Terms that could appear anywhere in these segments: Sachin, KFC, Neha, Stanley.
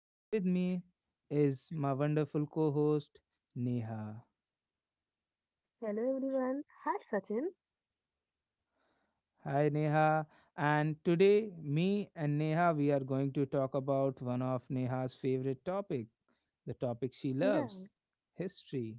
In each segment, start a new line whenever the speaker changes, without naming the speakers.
and with me is my wonderful co host, Neha.
Hello everyone. Hi Sachin.
Hi, Neha. And today, me and Neha, we are going to talk about one of Neha's favorite topic, the topic she
Yeah,
loves history.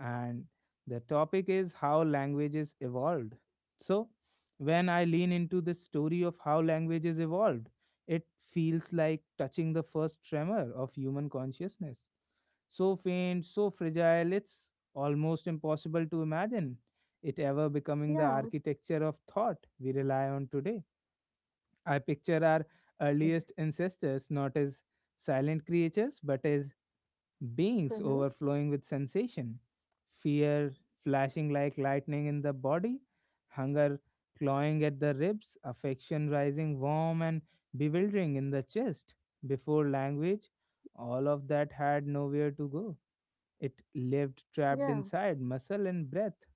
And the topic is how languages evolved. So, when I lean into the story of how languages evolved, it feels like touching the first tremor of human consciousness. So faint, so fragile, it's almost impossible to imagine it ever becoming the
yeah,
architecture of thought we rely on today. I picture our earliest ancestors not as silent creatures, but as beings
mm-hmm.
overflowing with sensation, fear flashing like lightning in the body, hunger clawing at the ribs, affection rising warm and bewildering in the chest. Before language, all of that had nowhere to go. It lived trapped
yeah,
inside muscle and breath.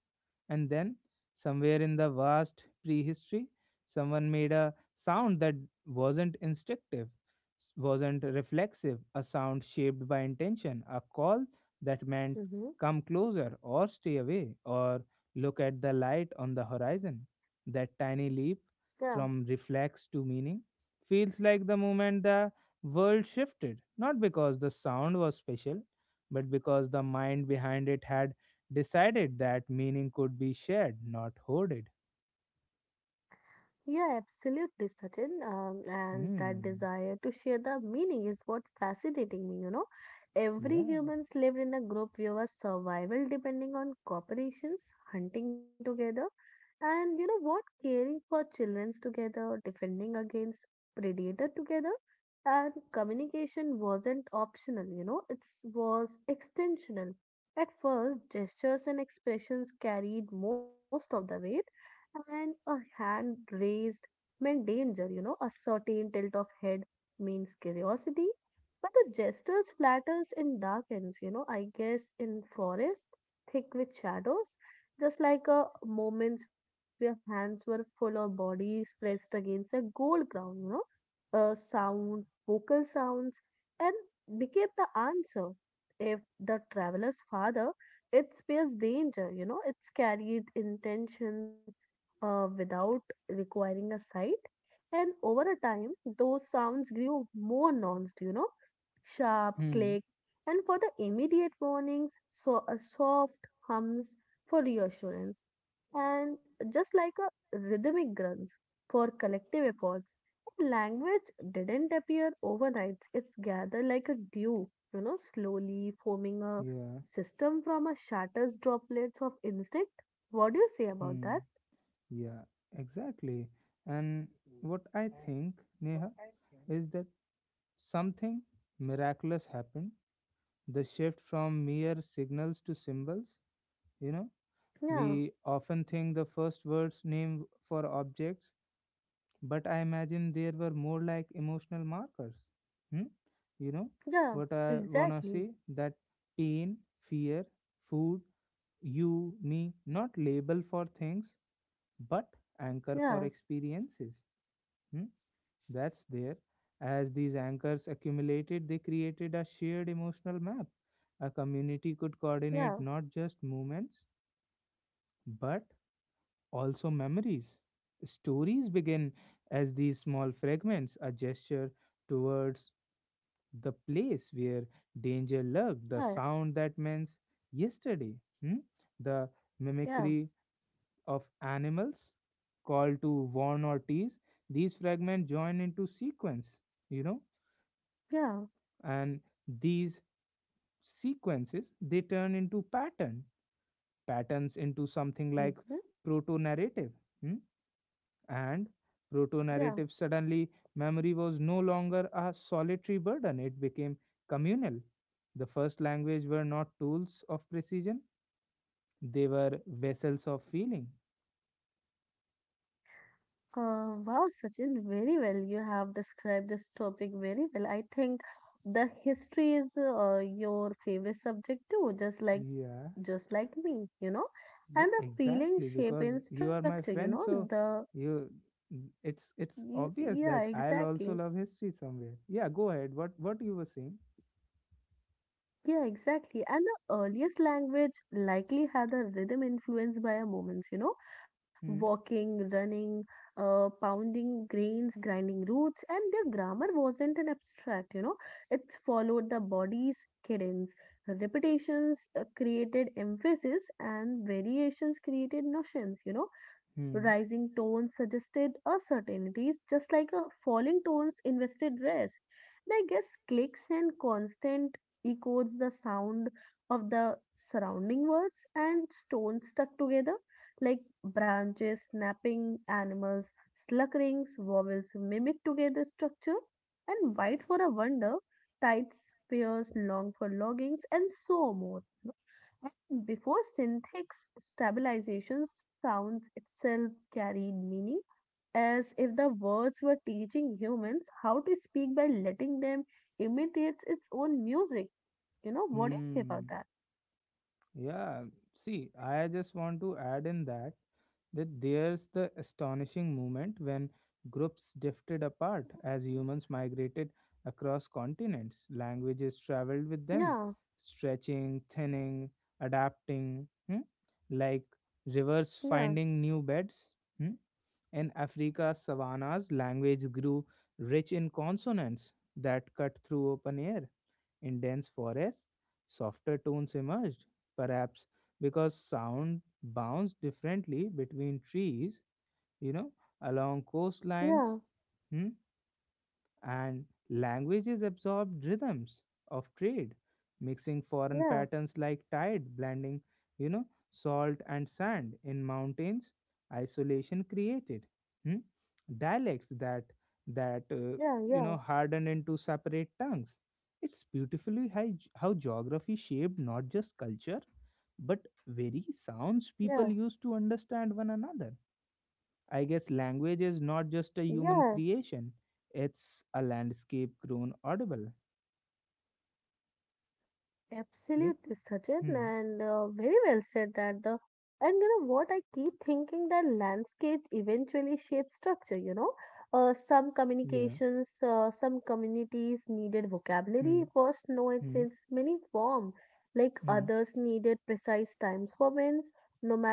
And then, somewhere in the vast prehistory, someone made a sound that wasn't instinctive, wasn't reflexive, a sound shaped by intention, a call that meant
mm-hmm.
come closer or stay away or look at the light on the horizon. That tiny leap
yeah.
from reflex to meaning feels like the moment the world shifted, not because the sound was special, but because the mind behind it had decided that meaning could be shared, not hoarded.
Yeah, absolutely, Sachin. And that
Hmm.
desire to share the meaning is what fascinating me, you know. Every
Yeah.
humans lived in a group view of survival depending on cooperations, hunting together, and you know what, caring for childrens together, defending against predator together, and communication wasn't optional, you know, it was extensional. At first, gestures and expressions carried most of the weight and a hand raised meant danger, you know, a certain tilt of head means curiosity, but the gestures flatters and darkens, you know, I guess in forest, thick with shadows, just like a moments where hands were full of bodies pressed against a gold ground, you know, a sound, vocal sounds, and became the answer. If the traveler's father, it bears danger, you know, it's carried intentions without requiring a site. And over a time, those sounds grew more nuanced, you know, sharp
Hmm.
click, and for the immediate warnings, so a soft hums for reassurance, and just like a rhythmic grunts for collective efforts. Language didn't appear overnight. It's gathered like a dew, you know, slowly forming a
Yeah.
system from a shatters droplets of instinct. What do you say about
Hmm.
that?
Yeah. Exactly. And what I think, Neha, is that something miraculous happened. The shift from mere signals to symbols. You know,
Yeah,
we often think the first words name for objects. But I imagine there were more like emotional markers. Hmm? You know
yeah,
what I wanna
exactly.
say? That pain, fear, food, you, me, not label for things, but anchor for
Yeah,
experiences. Hmm? That's there. As these anchors accumulated, they created a shared emotional map. A community could coordinate
yeah,
not just movements, but also memories. Stories begin as these small fragments, a gesture towards the place where danger lurked, the
yeah,
sound that means yesterday, hmm? The
yeah,
mimicry of animals, call to warn or tease. These fragments join into sequence, you know,
yeah,
and these sequences they turn into pattern, patterns into something like
hmm,
proto narrative. And
yeah.
proto-narrative suddenly memory was no longer a solitary burden, it became communal. The first language were not tools of precision, they were vessels of feeling.
Wow, Sachin, very well. You have described this topic very well. I think the history is your favorite subject too, just like
Yeah,
just like me, you know.
yeah,
And the feeling,
exactly.
shape,
Because
and
you are
structure,
my
you know.
friend, so
The
you it's
y-
obvious
yeah,
that I'll
exactly.
also love history somewhere. Yeah, go ahead. What you were saying?
Yeah, exactly. And the earliest language likely had a rhythm influenced by our movements, you know,
Hmm.
walking, running, pounding grains, grinding roots, and their grammar wasn't an abstract, you know, it followed the body's cadence. Repetitions created emphasis, and variations created notions, you know,
Hmm.
rising tones suggested uncertainties, just like a falling tones invested rest. And I guess clicks and constant echoes the sound of the surrounding words and stones stuck together, like branches snapping, animals slurkings, vowels mimic together structure, and white for a wonder, tides, spears, long for loggings, and so more. Before syntax stabilization, sounds itself carried meaning as if the words were teaching humans how to speak by letting them imitate its own music. You know, what do you say
Hmm.
about that?
Yeah, see, I just want to add in that there's the astonishing moment when groups drifted apart as humans migrated across continents. Languages traveled with them,
Yeah,
stretching, thinning, adapting, hmm? Like rivers
yeah,
finding new beds. Hmm? In Africa's savannas, language grew rich in consonants that cut through open air. In dense forests, softer tones emerged, perhaps because sound bounced differently between trees, you know, along
yeah,
coastlines. Hmm? And languages absorbed rhythms of trade, mixing foreign
yeah,
patterns like tide, blending, you know, salt and sand in mountains. Isolation created hmm, dialects that that
yeah,
uh,
yeah,
you know hardened into separate tongues. It's beautifully how geography shaped not just culture but very sounds
yeah,
people used to understand one another. I guess language is not just a human
yeah.
creation, it's a landscape grown audible. Yeah.
Absolutely, Sachin,
Hmm.
and very well said that the and You know what, I keep thinking that landscape eventually shapes structure. You know,
Yeah.
some communities needed
Hmm.
vocabulary for snow in
Hmm.
its many form, like
Hmm.
others needed precise times for winds.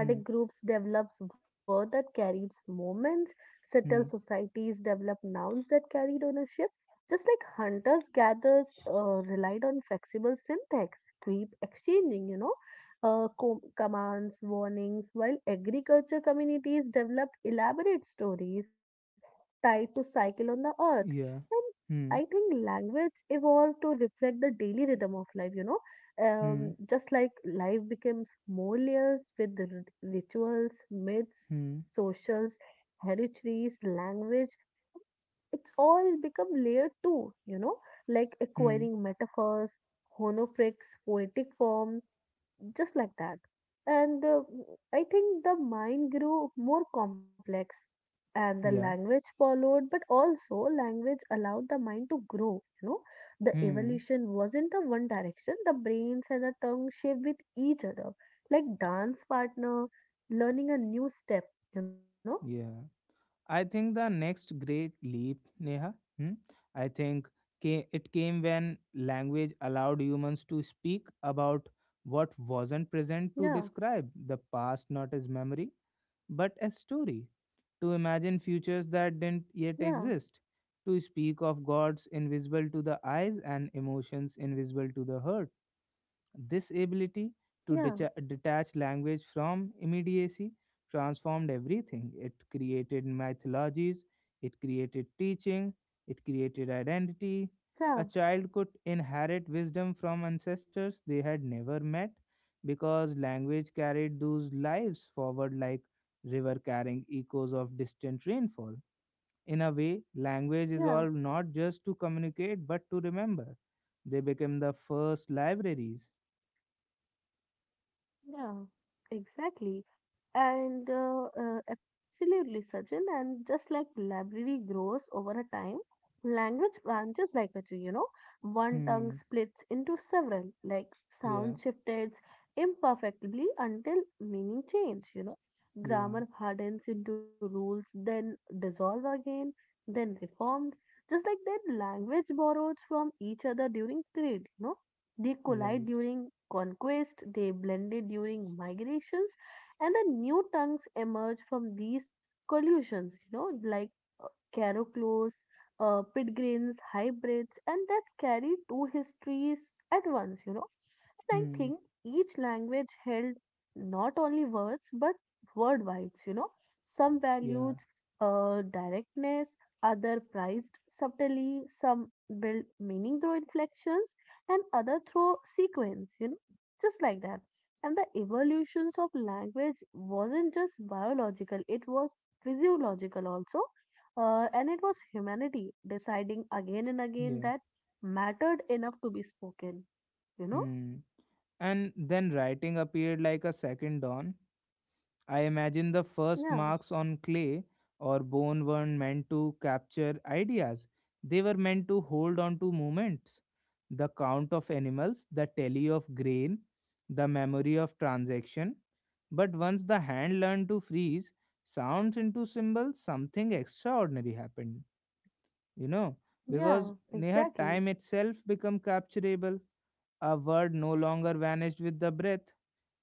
Hmm.
groups develops word that carries moments. Settled
Hmm.
societies develop nouns that carried ownership just like hunters gatherers relied on flexible syntax, keep exchanging, you know, commands, warnings, while agriculture communities developed elaborate stories tied to cycle on the earth.
Yeah.
And I think
Hmm.
language evolved to reflect the daily rhythm of life, you know,
Hmm.
just like life becomes more layers with the rituals, myths,
Hmm.
socials, heritaries, language it's all become layered too, you know, like
Hmm.
acquiring metaphors, honorifics, poetic forms, just like that. And I think the mind grew more complex and the
Yeah.
language followed, but also language allowed the mind to grow, you know. The
Hmm.
evolution wasn't a one direction, the brains and the tongue shape with each other, like dance partner, learning a new step, you know.
Yeah. I think the next great leap, Neha, hmm, I think it came when language allowed humans to speak about what wasn't present, to
Yeah,
describe the past not as memory but as story, to imagine futures that didn't
yeah,
yet exist, to speak of gods invisible to the eyes and emotions invisible to the heart. This ability to
yeah,
detach language from immediacy transformed everything. It created mythologies, it created teaching, it created identity.
yeah,
A child could inherit wisdom from ancestors they had never met because language carried those lives forward like river carrying echoes of distant rainfall. In a way, language is
yeah.
all not just to communicate but to remember. They became the first libraries.
Yeah, exactly. And absolutely, Sachin. And just like library grows over a time, language branches like a tree, you know, one
Hmm.
tongue splits into several, like
Yeah.
sound shifted imperfectly until meaning change, you know.
Yeah.
Grammar hardens into rules, then dissolve again, then reformed. Just like that, language borrows from each other during trade, you know, they collide
Right.
during conquest, they blended during migrations, and the new tongues emerge from these collusions, you know, like uh, Caroclos, Pitgrins, hybrids, and that's carry two histories at once, you know. And I
Hmm.
think each language held not only words but word bites, you know. Some valued
Yeah.
directness, other prized subtly, some built meaning through inflections, and other through sequence, you know, just like that. And the evolutions of language wasn't just biological, it was physiological also. And it was humanity deciding again and
Yeah.
again that mattered enough to be spoken, you know.
Hmm. And then writing appeared like a second dawn. I imagine the first
Yeah,
marks on clay or bone weren't meant to capture ideas. They were meant to hold on to moments. The count of animals, the tally of grain, the memory of transaction. But once the hand learned to freeze sounds into symbols, something extraordinary happened, you know, because
yeah,
Neha time
exactly.
itself become capturable. A word no longer vanished with the breath,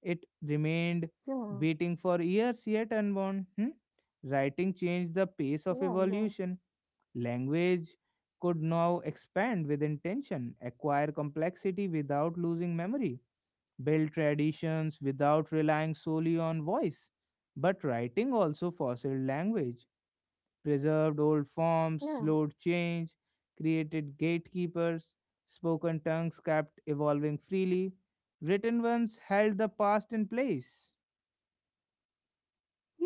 it remained
Yeah,
waiting for years yet unborn, hmm? Writing changed the pace of
yeah, yeah,
evolution. Language could now expand with intention, acquire complexity without losing memory, build traditions without relying solely on voice. But writing also fostered language, preserved old
yeah,
forms, slowed change, created gatekeepers, spoken tongues kept evolving freely, written ones held the past in place.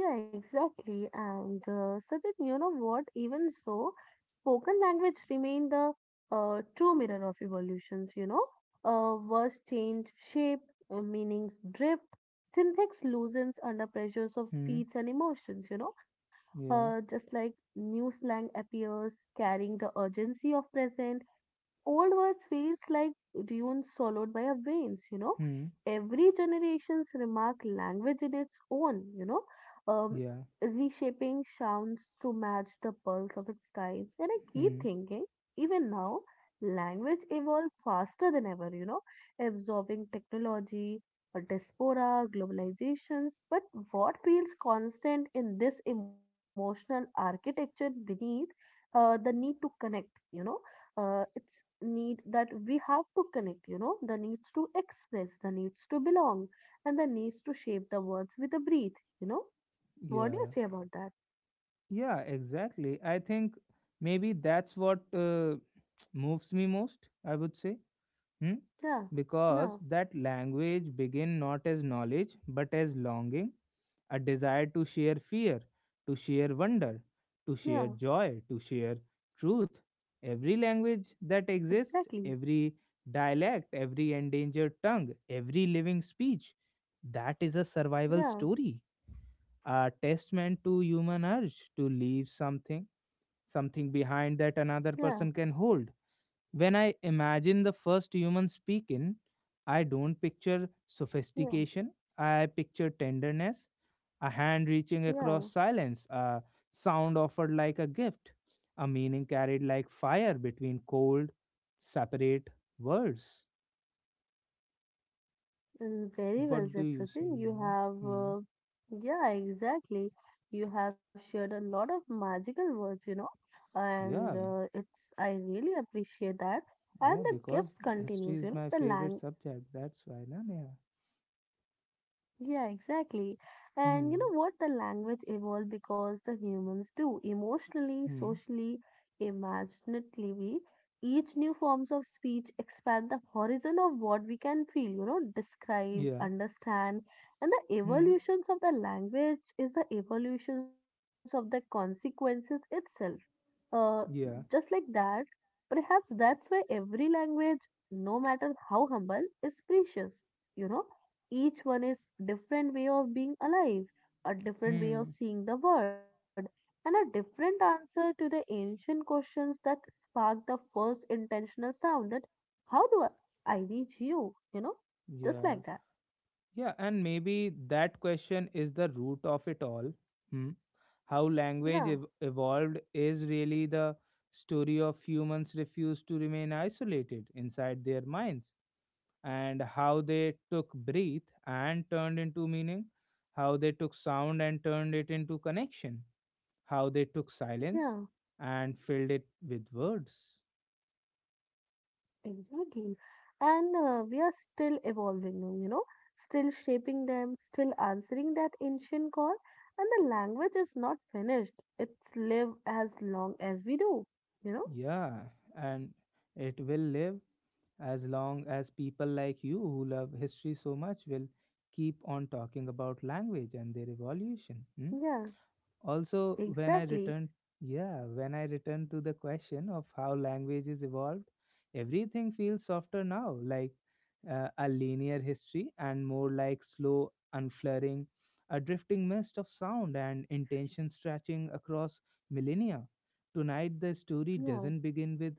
yeah, exactly. And Sachin, you know what? Even so, spoken language remained the true mirror of evolutions, you know. Words change shape, meanings drift, syntax loosens under pressures of
Hmm.
speeds and emotions, you know. Uh,
Yeah.
just like new slang appears, carrying the urgency of present. Old words feels like dunes swallowed by our veins, you know.
Hmm.
Every generation's remark language in its own, you know, um,
Yeah.
reshaping sounds to match the pulse of its times. And I
Hmm.
keep thinking, even now, language evolved faster than ever, you know, absorbing technology, a diaspora, globalizations. But what feels constant in this emotional architecture beneath the need to connect, you know? It's need that we have to connect, you know, the needs to express, the needs to belong, and the needs to shape the words with a breath, you know. What do you
Yeah.
say about that?
Yeah. Exactly. I think maybe that's what moves me most. I would say. Hmm?
yeah yeah
Because that language begin not as knowledge but as longing, a desire to share fear, to share wonder, to
yeah
share joy, to share truth. Every language that exists,
exactly.
every dialect, every endangered tongue, every living speech, that is a survival
yeah
story, a testament to human urge to leave something, something behind that another
yeah
person can hold. When I imagine the first human speaking, I don't picture
yeah
sophistication. I picture tenderness, a hand reaching
yeah
across silence, a sound offered like a gift, a meaning carried like fire between cold, separate words.
Uh, very well
What do
said,
you say,
Sachin. You
Neha?
have
Hmm.
uh, yeah exactly. You have shared a lot of magical words, you know, and
Yeah,
it's, I really appreciate that, and
yeah,
the
because
gifts
history
continues, you
is
know,
my
the
favorite
language.
subject. That's why, na, Neha?
Yeah, exactly. And you
Hmm.
know what? The language evolved because the humans do emotionally,
Hmm.
socially, imaginatively. Each new forms of speech expand the horizon of what we can feel, you know, describe,
Yeah.
understand. And the
Hmm.
evolutions of the language is the evolutions of the consequences itself. Uh, just
Yeah.
like that, perhaps that's why every language, no matter how humble, is precious. You know, each one is different way of being alive, a different way of
Hmm.
seeing the world, and a different answer to the ancient questions that sparked the first intentional sound that how do I reach you? You know, just like that.
Yeah. Yeah, and maybe that question is the root of it all. Hmm? How
Yeah,
language evolved is really the story of humans refuse to remain isolated inside their minds, and how they took breath and turned into meaning, how they took sound and turned it into connection, how they took
yeah,
silence and filled it with words.
exactly. And we are still evolving them, you know, still shaping them, still answering that ancient call. And the language is not finished. It's live as long as we do, you know?
Yeah, and it will live as long as people like you who love history so much will keep on talking about language and their evolution. Hmm?
Yeah.
Also when I
Exactly.
return, yeah, when I return to the question of how language is evolved, everything feels softer now, like a linear history and more like slow unflaring, a drifting mist of sound and intention stretching across millennia. Tonight the story
Yeah,
doesn't begin with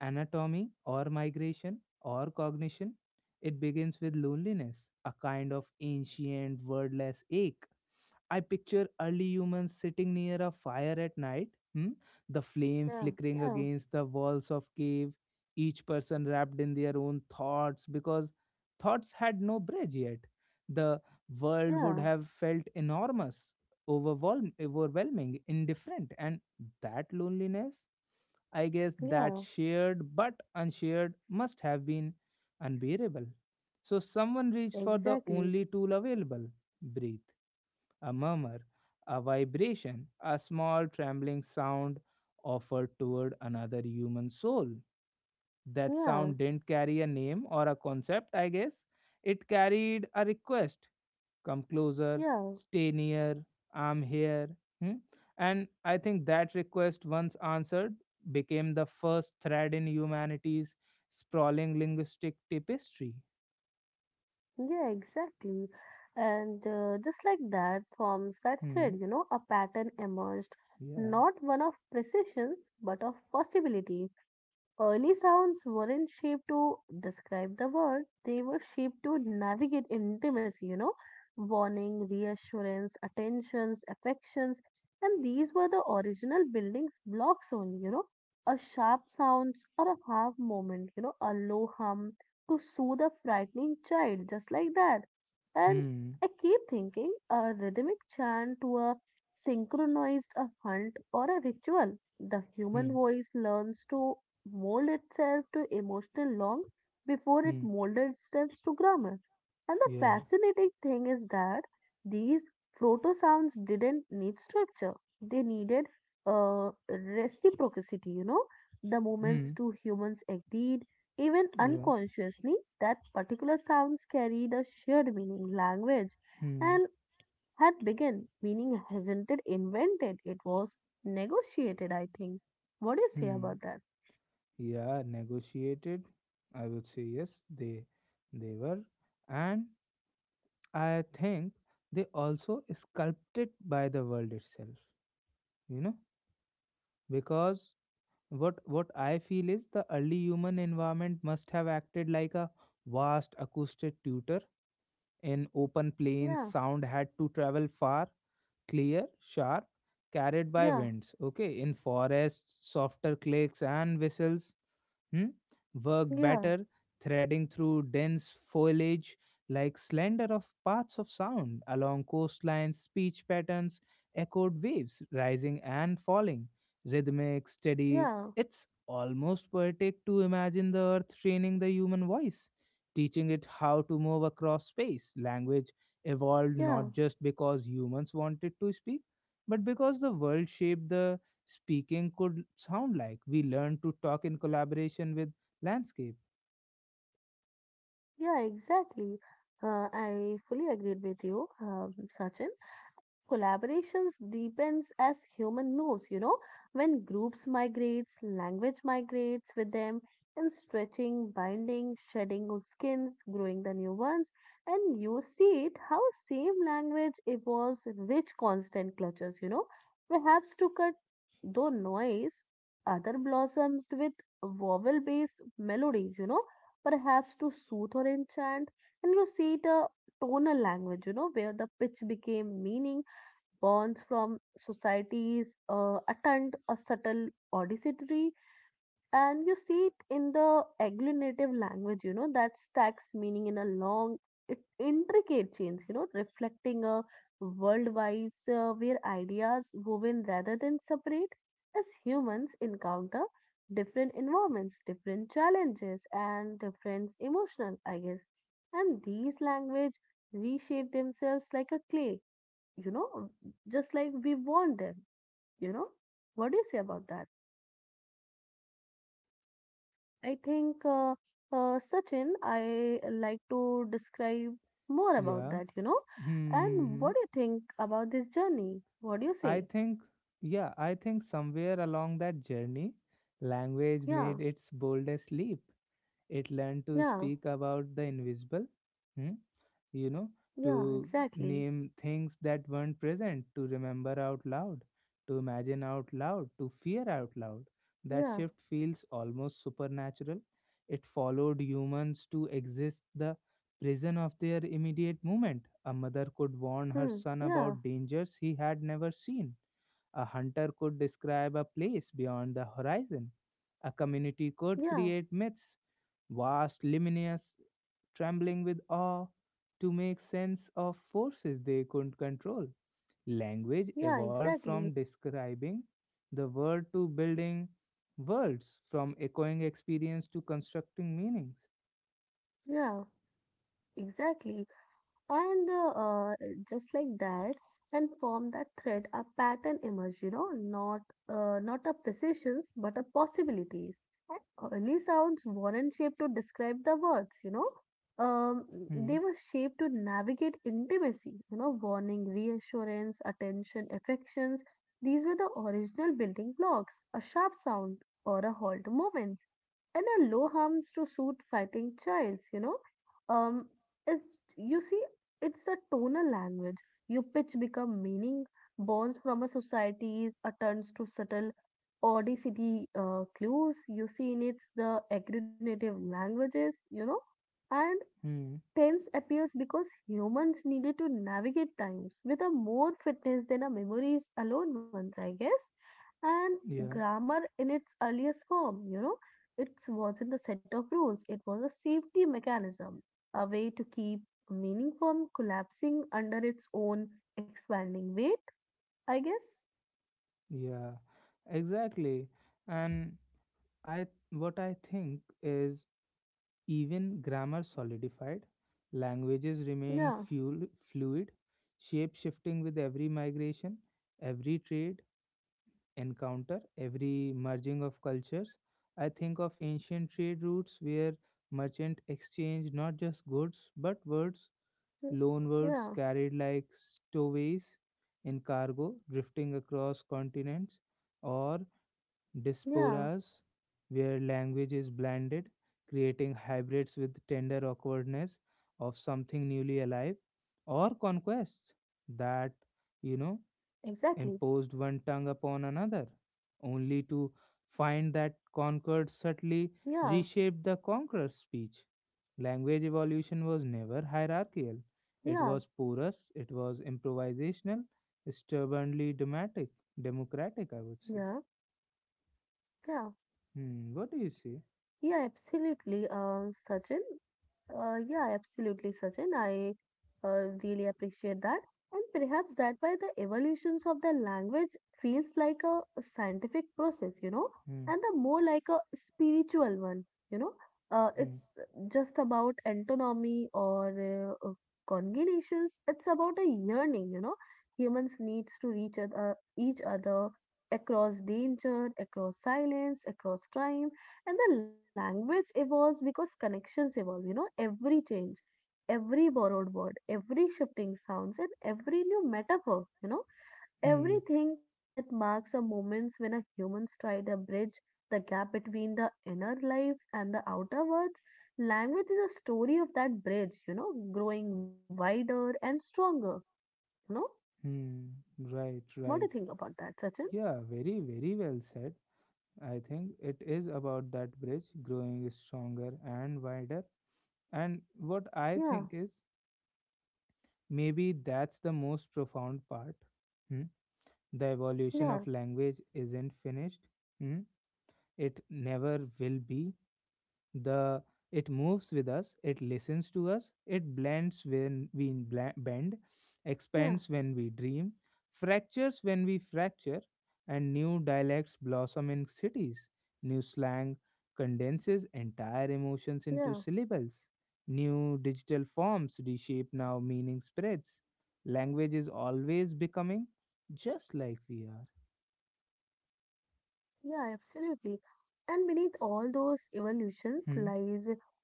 anatomy or migration or cognition, it begins with loneliness, a kind of ancient wordless ache. I picture early humans sitting near a fire at night, hmm, the flame
yeah,
flickering
yeah,
against the walls of cave, each person wrapped in their own thoughts because thoughts had no bridge yet. The world would
yeah,
have felt enormous, overwhelming, indifferent, and that loneliness, I guess, that
yeah,
shared but unshared must have been unbearable. So someone reached for the
exactly.
only tool available, breathe, a murmur, a vibration, a small trembling sound offered toward another human soul. That
Yeah,
sound didn't carry a name or a concept, I guess. It carried a request, come closer,
yeah.
stay near, I'm here. Hmm? And I think that request, once answered, became the first thread in humanity's sprawling linguistic tapestry.
Yeah, exactly. And just like that, from that thread,
Hmm.
you know, a pattern emerged,
Yeah.
not one of precision, but of possibilities. Early sounds weren't shaped to describe the world, they were shaped to navigate intimacy, you know, warning, reassurance, attentions, affections. And these were the original building's blocks only, you know, a sharp sound or a half moment, you know, a low hum to soothe a frightening child, just like that. And
Hmm.
I keep thinking a rhythmic chant to a synchronized a hunt or a ritual. The human
Hmm.
voice learns to mold itself to emotional long before it
Hmm.
molded itself to grammar. And the
Yeah.
fascinating thing is that these proto sounds didn't need structure. They needed reciprocity, you know. The
Hmm.
moments two humans agreed even
Yeah.
unconsciously, that particular sounds carried a shared meaning, language,
Hmm.
and had begun. Meaning hasn't it invented, it was negotiated, I think. What do you say
Hmm.
about that?
Yeah, negotiated. I would say yes. They were, and I think they also sculpted by the world itself. You know, because what I feel is the early human environment must have acted like a vast acoustic tutor. In open
Yeah,
plains. Sound had to travel far, clear, sharp, carried by
yeah,
winds. Okay, in forests, softer clicks and whistles, hmm? Worked
yeah,
better, threading through dense foliage like slender of paths of sound. Along coastlines, speech patterns, echoed waves rising and falling, rhythmic, steady.
yeah,
It's almost poetic to imagine the earth training the human voice, teaching it how to move across space. Language evolved
yeah,
not just because humans wanted to speak, but because the world shaped the speaking. Could sound like we learned to talk in collaboration with landscape.
yeah, exactly. I fully agreed with you, Sachin. Collaborations deepens as human moves, you know, when groups migrates, language migrates with them, and stretching, binding, shedding of skins, growing the new ones, and you see it how same language evolves rich constant clutches, you know, perhaps to cut though noise, other blossoms with vowel based melodies, you know, perhaps to soothe or enchant, and you see the tonal language, you know, where the pitch became meaning burns from society's attempt a subtle auditory, and you see it in the agglutinative language, you know, that stacks meaning in a long intricate chains, you know, reflecting a world vibes, where ideas woven rather than separate as humans encounter different environments, different challenges, and different emotional, I guess, and these language reshape themselves like a clay, you know, just like we want them, you know. What do you say about that? I think, Sachin, I like to describe more about
Yeah.
that, you know. And what
Hmm.
do you think about this journey? What do you
I
say?
think, yeah, I think somewhere along that journey, language
Yeah,
made its boldest leap. It learned to
yeah,
speak about the invisible. Hmm? You know,
yeah,
to
exactly.
name things that weren't present, to remember out loud, to imagine out loud, to fear out loud. That
Yeah,
shift feels almost supernatural. It followed humans to exist the prison of their immediate moment. A mother could warn her
hmm,
son about dangers he had never seen, a hunter could describe a place beyond the horizon. A community could
yeah,
create myths, vast, luminous, trembling with awe, to make sense of forces they couldn't control. Language
yeah,
evolved
exactly.
from describing the world to building worlds, from echoing experience to constructing meanings.
Yeah, exactly. And just like that and form that thread a pattern emerge, not not a precisions but a possibilities. And early sounds weren't shaped to describe the words um, they
Hmm.
were shaped to navigate intimacy. Warning, reassurance, attention, affections. These were the original building blocks, a sharp sound or a halt moments, and a low hums to suit fighting childs um it's You see, it's a tonal language. Your pitch become meaning, borns from a society's attempts to settle audacity clues. You see in it's the agglutinative languages, and
Hmm.
tense appears because humans needed to navigate times with a more fitness than our memories alone once, I guess. And
Yeah.
grammar in its earliest form, it wasn't the set of rules, it was a safety mechanism, a way to keep meaning from collapsing under its own expanding weight, I guess.
Yeah. Exactly. And I what I think is, even grammar solidified, languages remained
Yeah,
fuel, fluid, shape shifting with every migration, every trade encounter, every merging of cultures. I think of ancient trade routes where merchant exchanged not just goods but words,
mm,
loan words
yeah,
carried like stowaways in cargo, drifting across continents, or
yeah,
diasporas where language is blended, creating hybrids with tender awkwardness of something newly alive, or conquests
exactly.
that, you know, imposed one tongue upon another, only to find that
Yeah,
conquered subtly reshaped the conqueror's speech. Language evolution was never
yeah,
hierarchical. It was porous, it was improvisational, stubbornly dramatic,
yeah,
democratic, I would say.
yeah,
Hmm, what
yeah,
do you say?
absolutely, Sachin. Yeah, absolutely, Sachin. I really appreciate that. And perhaps that why the evolutions of the language feels like a scientific process, and
Hmm,
the more like a spiritual one, you know. Uh,
hmm,
it's just about antinomy or congenitions. It's about a yearning. Humans needs to reach other, each other across danger, across silence, across time, and the language evolves because connections evolve, every change, every borrowed word, every shifting sounds, and every new metaphor,
hmm,
everything that marks a moments when a human tried a bridge, the gap between the inner lives and the outer worlds. Language is a story of that bridge, growing wider and stronger, you know.
hmm. Right,
What do you
right.
think about that, Sachin?
Yeah, very, very well said. I think it is about that bridge growing stronger and wider. And what I
Yeah,
think is maybe that's the most profound part. Hmm? The
yeah,
evolution of language isn't finished, hmm? It never will be. The It moves with us, it listens to us, it blends when we bend,
yeah,
expands when we dream, fractures when we fracture, and new dialects blossom in cities, new slang condenses entire emotions
yeah,
into syllables, new digital forms reshape now meaning spreads. Language is always becoming, just like we are.
yeah, absolutely. And beneath all those evolutions
Hmm,
lies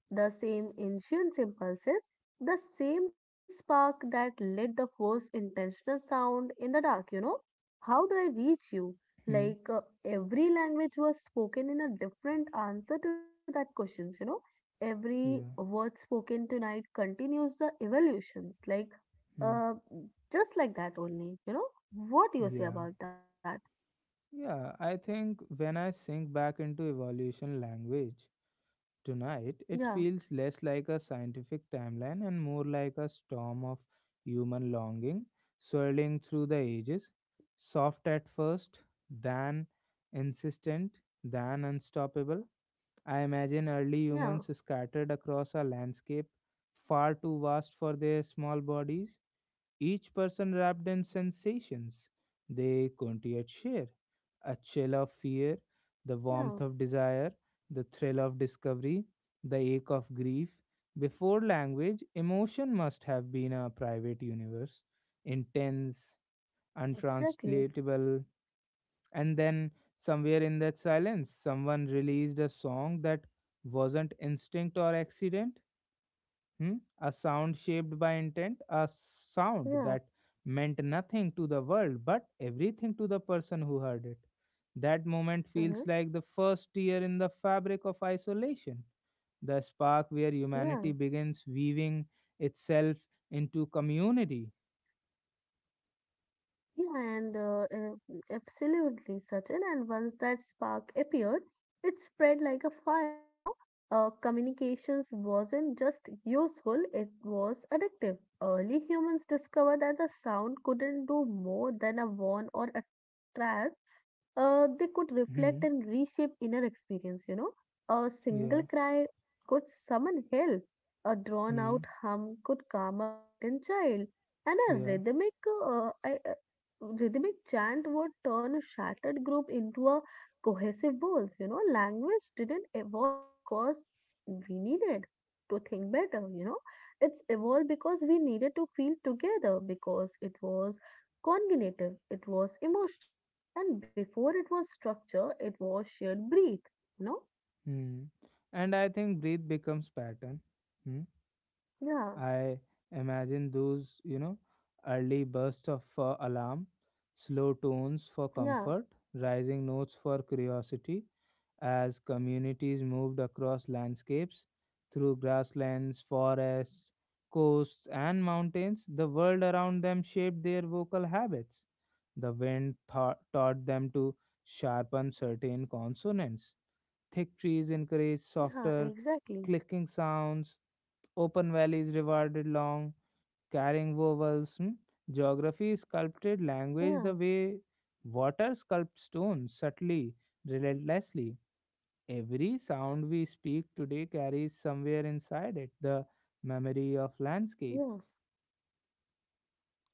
the same ancient impulses, the same spark that lit the first intentional sound in the dark. How do I reach you?
hmm,
Like every language was spoken in a different answer to that question. Every
yeah,
word spoken tonight continues the evolutions, like
hmm,
uh, just like that only. What do you say
yeah.
about that?
Yeah, I think when I sink back into evolution language tonight, it
Yeah,
feels less like a scientific timeline and more like a storm of human longing swirling through the ages, soft at first, then insistent, then unstoppable. I imagine
yeah,
early humans scattered across a landscape far too vast for their small bodies, each person wrapped in sensations they couldn't yet share, a chill of fear,
yeah,
the warmth of desire, the thrill of discovery, the ache of grief. Before language, emotion must have been a private universe, intense,
exactly.
untranslatable, and then somewhere in that silence, someone released a song that wasn't instinct or accident. Hmm? A sound shaped by intent, a sound
Yeah,
that meant nothing to the world but everything to the person who heard it. That moment
hmm,
feels like the first tear in the fabric of isolation, the spark where
yeah,
humanity begins weaving itself into community.
yeah, and absolutely, Sachin. And once that spark appeared, it spread like a fire. Communications wasn't just useful, it was addictive. Early humans discovered that the sound couldn't do more than a warn or a trap. They could reflect and
Hmm.
reshape inner experience. A single
Yeah.
cry could summon help, a drawn
Hmm.
out hum could calm a frightened child, and a
Yeah.
rhythmic chant would turn a shattered group into a cohesive voice. Language didn't evolve because we needed to think better. It's evolved because we needed to feel together, because it was cognitive, it was emotional, and before it was structure, it was shared breathe, you know?
Hmm. And I think breathe becomes pattern. Hmm.
Yeah,
I imagine those, early bursts of alarm, slow tones for
yeah,
comfort, rising notes for curiosity, as communities moved across landscapes, through grasslands, forests, coasts, and mountains. The world around them shaped their vocal habits. The wind taught them to sharpen certain consonants. Thick trees encouraged
yeah,
softer
exactly.
clicking sounds. Open valleys rewarded long carrying vowels. Hmm. Geography sculpted
Yeah,
language the way water sculpts stone, subtly, relentlessly. Every sound we speak today carries somewhere inside it the memory of
yeah.
landscape.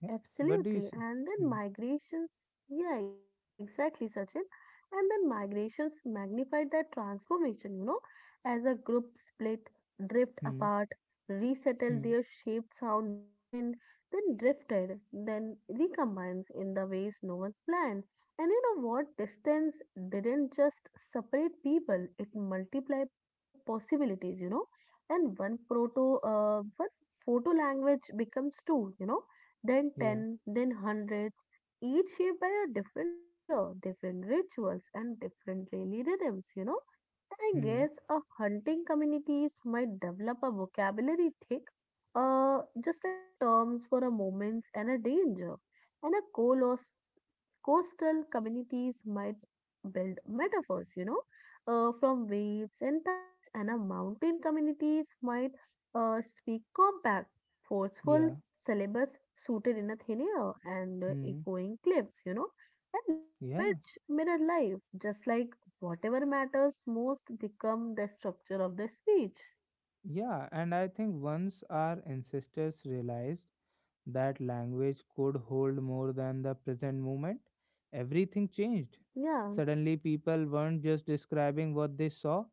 Yeah. What do you say?
And then
Hmm.
migrations, yeah, exactly, Sachin. And then migrations magnified that transformation, as a group split, drift
Hmm.
apart, resettled
Hmm.
their shaped sound loosened, then drifted, then recombines in the ways no one planned. And you know what? Distance didn't just separate people, it multiplied possibilities. And one photo language becomes two, then
Yeah.
10, then hundreds, each shaped by a different fear, different rituals, and different daily rhythms. And I
Hmm.
guess a hunting communities might develop a vocabulary thick, just like a terms for a moments and a danger, and a colossal coastal communities might build metaphors, from waves and tides, and a mountain communities might speak compact, forceful
Yeah.
syllables suited in a thin air and
Hmm.
echoing cliffs, and
Yeah.
language mirror life, just like whatever matters most become the structure of the speech.
Yeah. And I think once our ancestors realized that language could hold more than the present moment, everything changed.
Yeah,
Suddenly, people weren't just describing what they saw,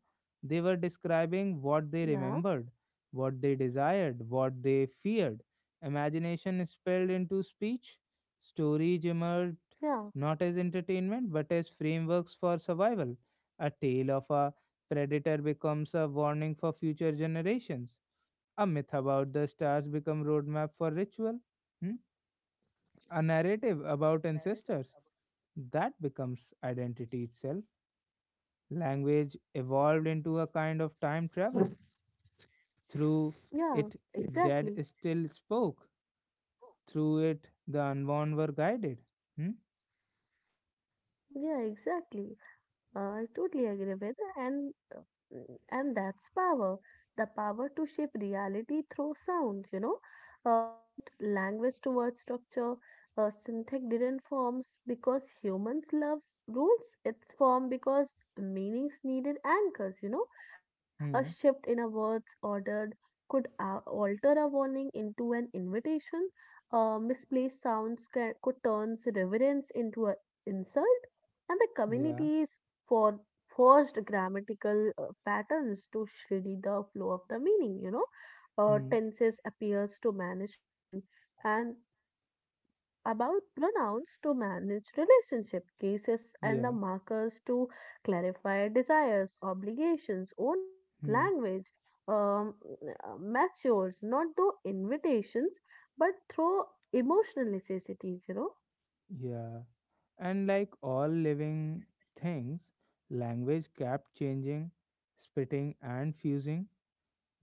they were describing what
yeah,
they remembered, what they desired, what they feared. Imagination spilled into speech, stories emerged
yeah,
not as entertainment but as frameworks for survival. A tale of a predator becomes a warning for future generations, a myth about the stars become roadmap for ritual. Hmm? A narrative about ancestors, that becomes identity itself. Language evolved into a kind of time travel. Through
yeah,
it, dead
exactly.
still spoke. Through it, the unborn were guided. Hmm?
Yeah, exactly. I totally agree with, and that's power, the power to shape reality through sounds, pushed language towards structure. Syntax didn't forms because humans love rules. It's formed because meanings needed anchors. A shift
Hmm.
in a word's ordered could alter a warning into an invitation. Misplaced sounds could turns reverence into an insult, and the
Yeah.
communities for forced grammatical patterns to shred the flow of the meaning. Uh,
Hmm.
tenses appears to manage time, and about pronouns to manage relationship cases and the
Yeah.
markers to clarify desires, obligations, ownership,
Hmm.
language um, matures not through invitations, but through emotional necessities.
Yeah. And like all living things, language kept changing, splitting, and fusing,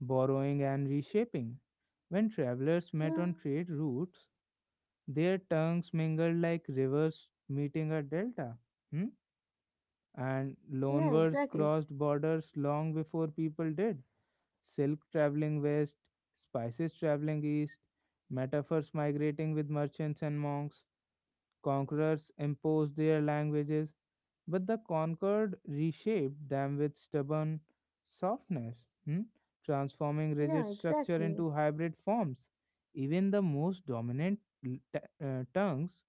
borrowing and reshaping. When travelers met on
Yeah,
trade routes, their tongues mingled like rivers meeting a delta. Hmm? And
yeah,
loanwords
exactly.
crossed borders long before people did. Silk traveling west, spices traveling east, metaphors migrating with merchants and monks. Conquerors imposed their languages, but the conquered reshaped them with stubborn softness, hmm, transforming
Yeah,
rigid structure
exactly.
into hybrid forms. Even the most dominant l- t- tongues,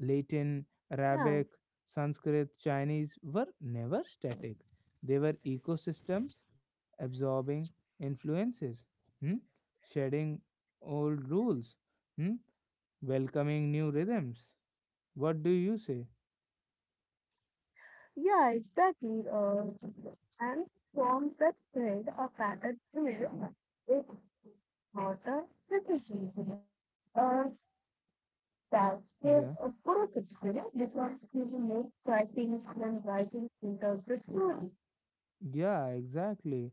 Latin,
Yeah.
Arabic, Sanskrit, Chinese, were never static. They were ecosystems absorbing influences, hmm, shedding old rules, hmm, welcoming new rhythms. What do you say?
Yeah, exactly. And forms that thread a pattern through it, not a criticism. Uh, that is
Yeah,
a good experience because you make writing than writing is a good story.
yeah, exactly,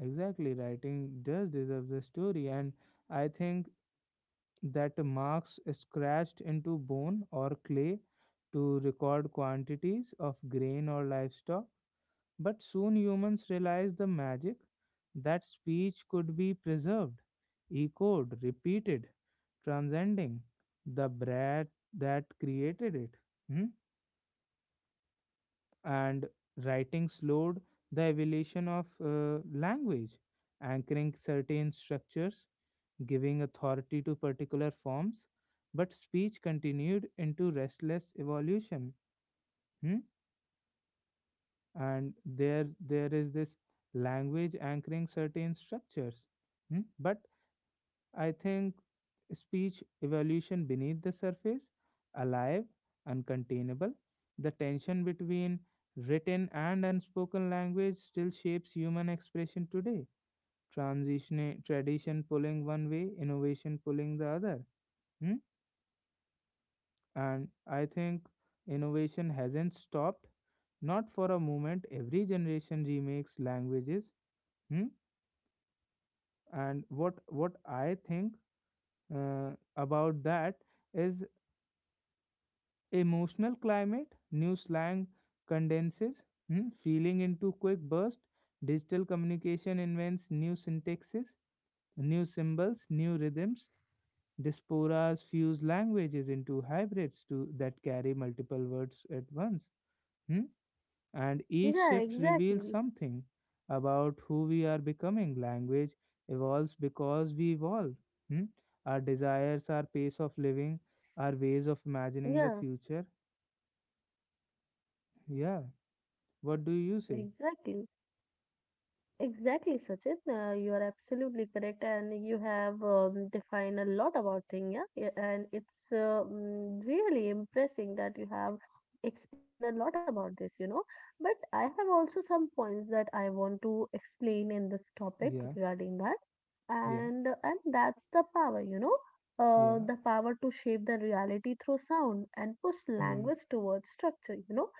exactly. Writing does deserve the story, and I think that Marx scratched into bone or clay to record quantities of grain or livestock. But soon humans realized the magic that speech could be preserved, echoed, repeated, transcending the bread that created it. Hmm? And writing slowed the evolution of language, anchoring certain structures, giving authority to particular forms. But speech continued into restless evolution. Hmm? And there is this language anchoring certain structures. Hmm? But I think speech evolution beneath the surface, alive, uncontainable. The tension between written and unspoken language still shapes human expression today. Transition, tradition pulling one way, innovation pulling the other. Hmm? And I think innovation hasn't stopped. Not for a moment. Every generation remakes languages. Hmm? And what I think about that is emotional climate, new slang condenses, hmm, feeling into quick burst. Digital communication invents new syntaxes, new symbols, new rhythms. Diasporas fuse languages into hybrids to, that carry multiple words at once. Hmm. And each
Yeah,
shift reveals
exactly.
something about who we are becoming. Language evolves because we evolve. Hmm. Our desires, our pace of living, our ways of imagining the
Yeah,
future. Yeah. What do you say?
exactly. Exactly, Sachin. You are absolutely correct, and you have defined a lot about thing, yeah. Yeah, and it's really impressing that you have explained a lot about this. But I have also some points that I want to explain in this topic
Yeah,
regarding that,
yeah,
and that's the power. uh,
yeah.
the power to shape the reality through sound and push
Hmm,
language towards structure.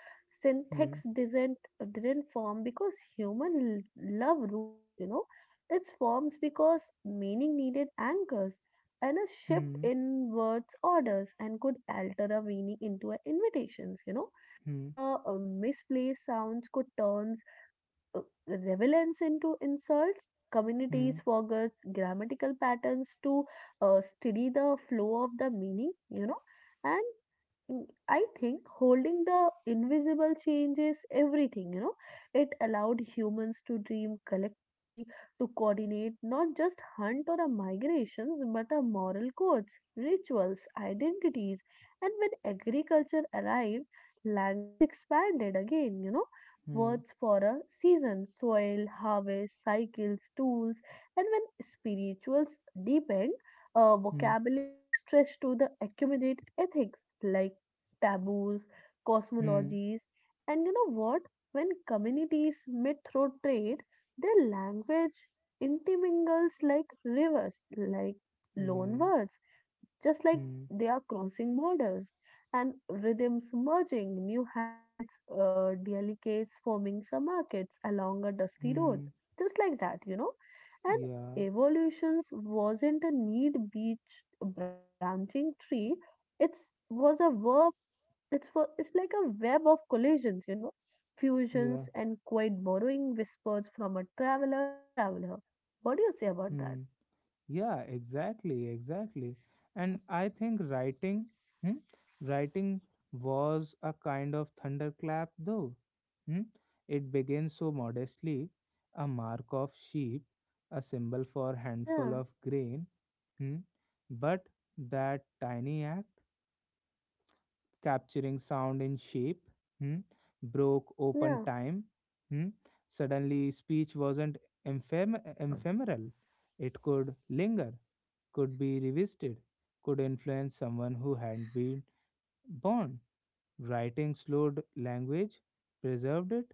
hmm,
Syntax design didn't form because human love rules, you know. It forms because meaning needed anchors, and a shift
hmm,
in words orders and could alter a meaning into an invitations.
hmm,
Misplaced sounds could turn uh, relevance into insults. Communities forget grammatical patterns to steady the flow of the meaning. And I think holding the invisible changes everything. It allowed humans to dream collectively, to coordinate not just hunt or a migrations, but a moral codes, rituals, identities. And when agriculture arrived, language expanded again.
hmm,
Words for a season, soil, harvest, cycles, tools, and when spirituals deepened,
hmm,
vocabulary stretched to the accumulate ethics like taboos,
hmm, hmm.
cosmologies, and you know what? When communities meet through trade, their language intermingles like rivers, like loan
Yeah,
words, just like
hmm,
they are crossing borders and rhythms merging, new hybrids, delicates forming some markets along a dusty road,
hmm,
just like that. And
yeah,
evolutions wasn't a need beach branching tree; it was a verb, it's like a web of collisions, fusions
yeah,
and quiet borrowing whispers from a traveler to traveler. What do you say about
hmm.
that?
Yeah, exactly, exactly. And I think writing, hmm, writing was a kind of thunderclap, though. Hmm? It begins so modestly, a mark of sheep, a symbol for handful
Yeah,
of grain, hmm. But that tiny act, capturing sound in shape, hmm, broke open
yeah,
time. Hmm. Suddenly, speech wasn't ephemeral. It could linger, could be revisited, could influence someone who hadn't been born. Writing slowed language, preserved it,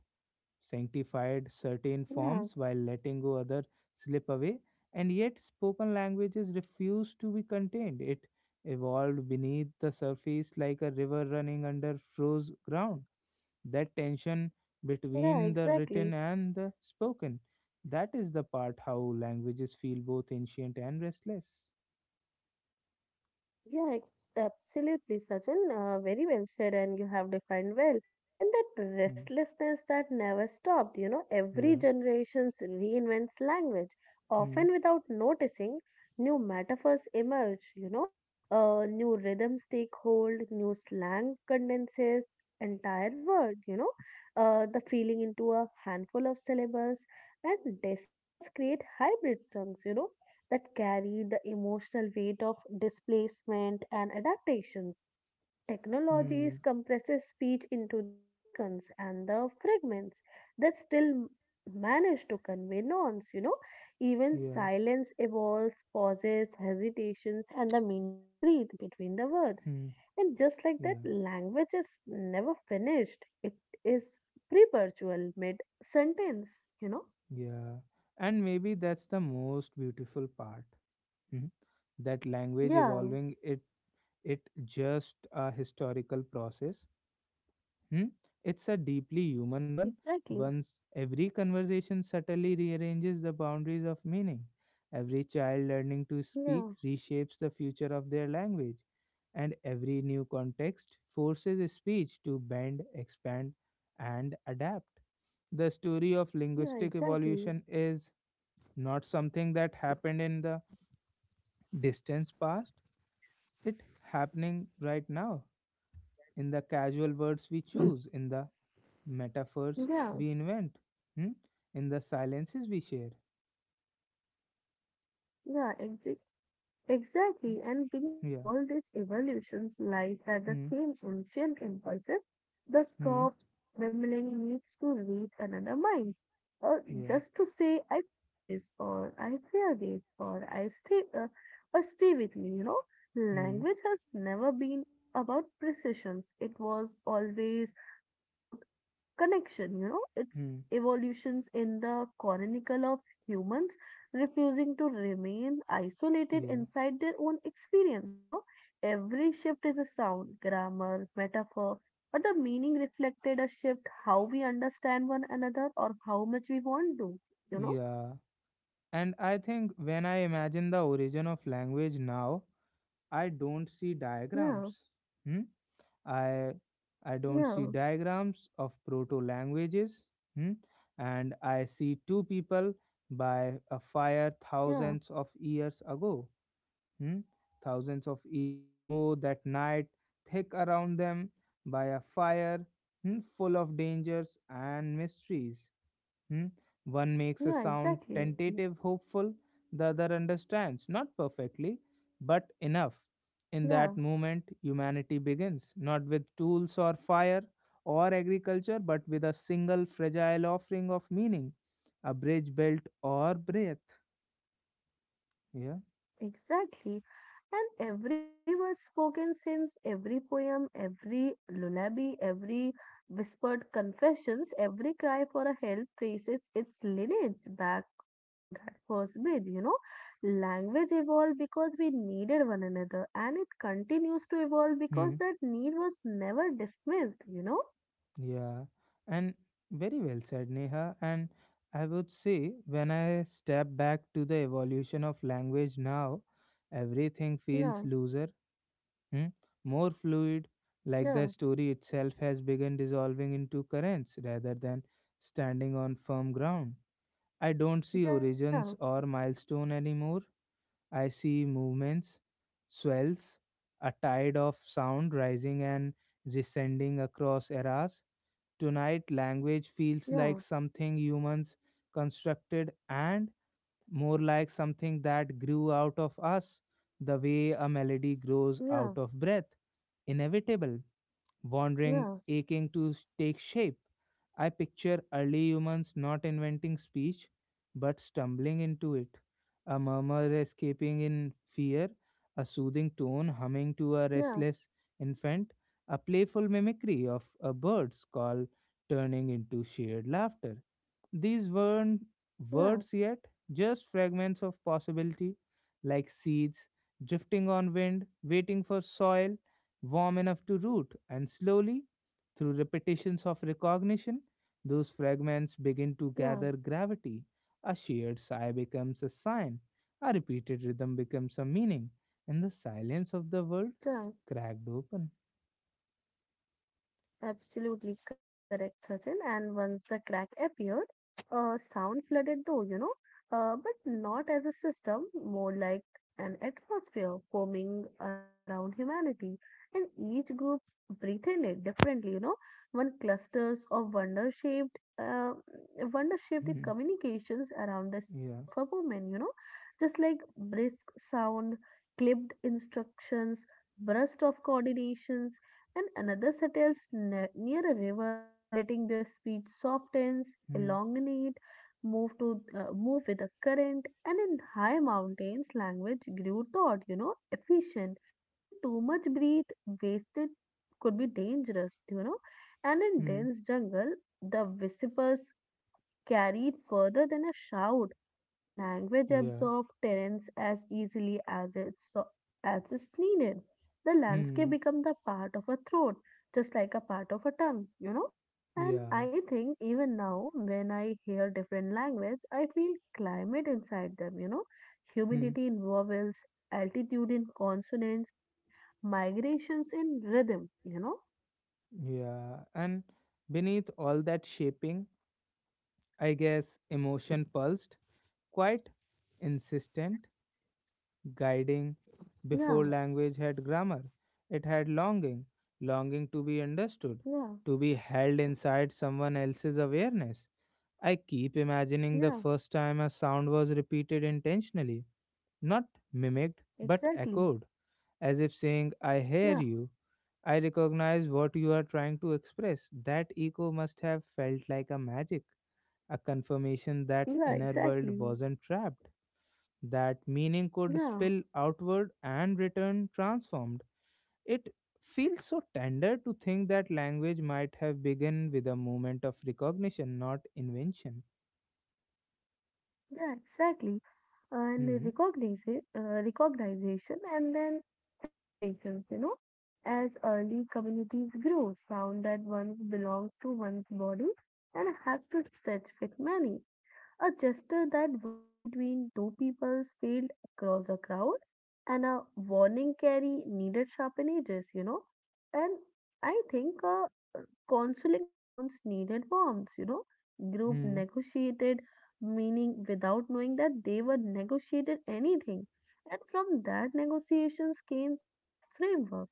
sanctified certain
yeah,
forms while letting go other slip away, and yet spoken languages refuse to be contained. It evolved beneath the surface like a river running under froze ground. That tension
yeah,
between the
exactly.
written and the spoken, that is the part how languages feel both ancient and restless.
Yeah, absolutely, Sachin. Very well said, and you have defined well. And that
Hmm,
restlessness that never stopped, every
yeah,
generation reinvents language,
hmm,
often without noticing. New metaphors emerge, new rhythms take hold, new slang condenses entire word, the feeling into a handful of syllables, and decibels create hybrid tongues that carry the emotional weight of displacement and adaptations. Technologies
hmm,
compresses speech into the icons and the fragments that still manage to convey nouns. Even
yeah,
silence evolves, pauses, hesitations, and the meaning to breathe between the words.
hmm,
And just like that,
yeah,
language is never finished. It is perpetual mid sentence, you know?
yeah. And maybe that's the most beautiful part. Mhm. That language
Yeah,
evolving, it just a historical process, hmm? It's a deeply human one.
exactly.
Once every conversation subtly rearranges the boundaries of meaning, every child learning to speak
Yeah,
reshapes the future of their language, and every new context forces speech to bend, expand, and adapt. The story of
yeah,
linguistic
exactly.
evolution is not something that happened in the distant past, it happening right now, in the casual words we choose, in the metaphors
Yeah,
we invent, hmm? In the silences we share.
yeah, exactly. And beneath
Yeah.
all these evolutions lies that the
Hmm.
same ancient impulses, the
Hmm.
soft trembling needs to reach another mind, or
Yeah.
just to say, I feel this, or I fear this, or I stay, or stay with me. You know,
Hmm.
language has never been about precisions. It was always about connection, it's
Hmm.
evolutions in the chronicle of humans refusing to remain isolated
Yeah.
inside their own experience. Every shift is a sound, grammar, metaphor, but the meaning reflected a shift how we understand one another or how much we want to, you know?
Yeah. And I think when I imagine the origin of language now, I don't see
Yeah,
diagrams. Hmm? I I don't see
yeah,
diagrams of proto languages, hmm, and I see two people by a fire
yeah,
thousands of years ago. Hmm. Thousands of years ago, that night thick around them, by a fire, hmm, full of dangers and mysteries. Hmm? One makes
yeah,
a sound
exactly.
tentative, hopeful, the other understands, not perfectly, but enough. In
Yeah,
that moment, humanity begins, not with tools or fire or agriculture, but with a single fragile offering of meaning, a bridge built or breath. Yeah.
exactly. And every word spoken since, every poem, every lullaby, every whispered confessions, every cry for a help traces its lineage back to that first bid. Language evolved because we needed one another, and it continues to evolve because
Hmm.
that need was never dismissed.
Yeah. And very well said, Neha. And I would say, when I step back to the evolution of language now, everything
Yeah,
feels looser, hmm, more fluid, like the
yeah,
story itself has begun dissolving into currents rather than standing on firm ground. I don't see
yeah,
origins or milestone anymore. I see movements, swells, a tide of sound rising and descending across eras. Tonight, language
yeah,
feels like something humans constructed and more like something that grew out of us, the way a melody
yeah,
grows out of breath. Inevitable,
yeah,
wandering, aching to take shape. I picture early humans not inventing speech, but stumbling into it. A murmur escaping in fear, a soothing tone humming to a
yeah,
restless infant, a playful mimicry of a bird's call turning into shared laughter. These weren't
yeah,
words yet, just fragments of possibility, like seeds drifting on wind, waiting for soil warm enough to root, and slowly, through repetitions of recognition, those fragments begin to
yeah,
gather gravity. A shared sigh becomes a sign, a repeated rhythm becomes a meaning, and the silence of the world
yeah.
cracked open.
Absolutely correct, Sachin. And once the crack appeared, sound flooded though, but not as a system, more like an atmosphere forming around humanity. And each group's breathing it differently. One clusters of wonder shaped the
Hmm,
communications around the speed
yeah,
of a woman, just like brisk sound, clipped instructions, burst of coordinations, and another settles near a river, letting their speed softens,
hmm,
elongate, move with the current, and in high mountains, language grew taut, efficient, and too much breathe wasted could be dangerous, and in
hmm,
dense jungle, the whispers carried further than a shout. So language
yeah,
absorbed terrains as easily as it's needed. The landscape
hmm,
became the part of a throat, just like a part of a tongue. And
yeah,
I think even now, when I hear different language, I feel climate inside them,
hmm,
humidity in vowels, altitude in consonants, and migrations in rhythm.
yeah. And beneath all that shaping, I guess emotion pulsed, quite insistent, guiding.
Yeah,
Before language had grammar, it had longing, longing to be understood,
yeah,
to be held inside someone else's awareness. I keep imagining the
yeah,
first time a sound was repeated intentionally, not mimicked, but
exactly.
echoed, as if saying, I hear
Yeah,
you. I recognize what you are trying to express. That echo must have felt like a magic, a confirmation that
yeah,
inner world
exactly.
wasn't trapped, that meaning could
Yeah,
spill outward and return transformed. It feels so tender to think that language might have begun with a moment of recognition, not invention.
yeah, exactly. And
Hmm.
recognition, recognition and then accommodations, you know, as early communities grow, found that one belongs to one's body and has to stretch with many. A gesture that works between two peoples field across a crowd and a warning carry needed sharpen edges, you know. And I think consoling sounds needed warmth, you know. Group
Hmm.
negotiated meaning without knowing that they were negotiated anything. And from that negotiations came through a framework,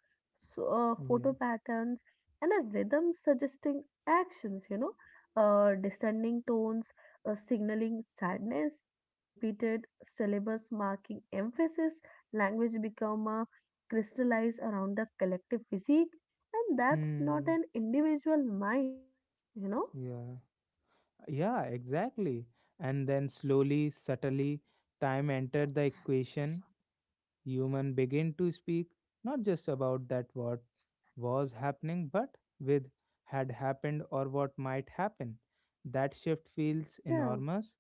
so,
Yeah.
photo patterns and a rhythm suggesting actions, you know, descending tones signaling sadness, a repeated syllabus marking emphasis, language become a crystallized around the collective physique, and that's not
Hmm.
an individual mind, you know?
Yeah. Yeah, exactly. And then slowly, subtly, time entered the equation. Human begin to speak not just about that what was happening, but with had happened or what might happen. That shift feels
Yeah,
enormous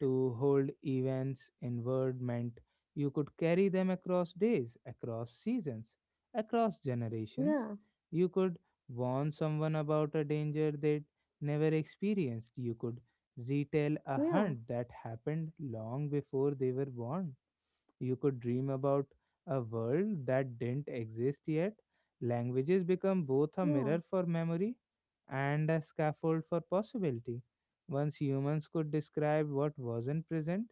to hold events in word meant you could carry them across days, across seasons, across generations.
yeah,
You could warn someone about a danger they'd never experienced. You could retell a
yeah,
hunt that happened long before they were born. You could dream about a world that didn't exist yet. Languages become both a
yeah.
mirror for memory and a scaffold for possibility. Once humans could describe what wasn't present,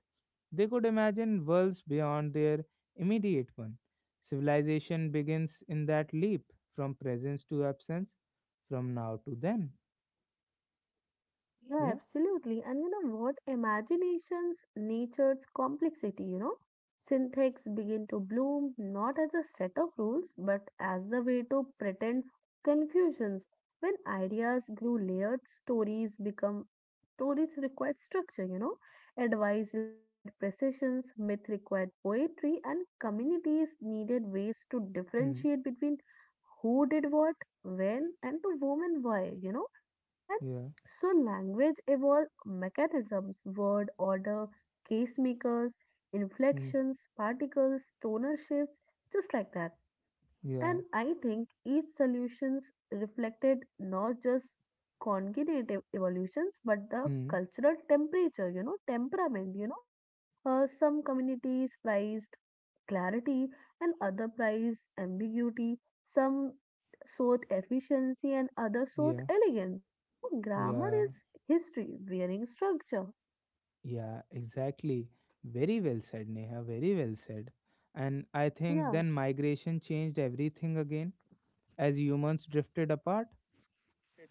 they could imagine worlds beyond their immediate one. Civilization begins in that leap from presence to absence, from now to then.
Yeah,
Yeah.
absolutely. And you know what? Imagination's nature's complexity, you know, syntax begin to bloom not as a set of rules, but as a way to pretend confusions. When ideas grew layered, stories required structure, you know, advice required precisions, myth required poetry, and communities needed ways to
Hmm.
differentiate between who did what, when, and to whom and why, you know.
Yeah.
So language evolve mechanisms, word order, case makers,
Hmm.
inflections, particles, tonal shifts, just like that, you know.
Yeah.
And I think each solutions reflected not just cognitive evolutions but the
Hmm.
cultural temperature, you know, temperament, you know. Some communities prized clarity and other prize ambiguity, some sought efficiency and other sought
Yeah.
elegance. You know, grammar
Yeah.
is history wearing structure.
Yeah, exactly. Very well said, Neha. Very well said. And I think
Yeah,
then migration changed everything again. As humans drifted apart,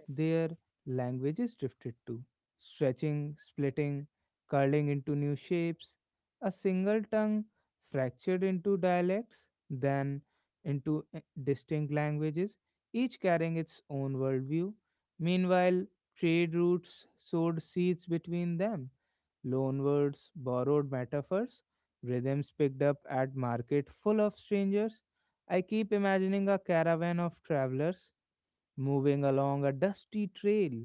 their languages drifted too, stretching, splitting, curling into new shapes. A single tongue fractured into dialects, then into distinct languages, each carrying its own worldview. Meanwhile, trade routes sowed seeds between them, loanwords, borrowed metaphors, rhythms picked up at market full of strangers. I keep imagining a caravan of travelers moving along a dusty trail,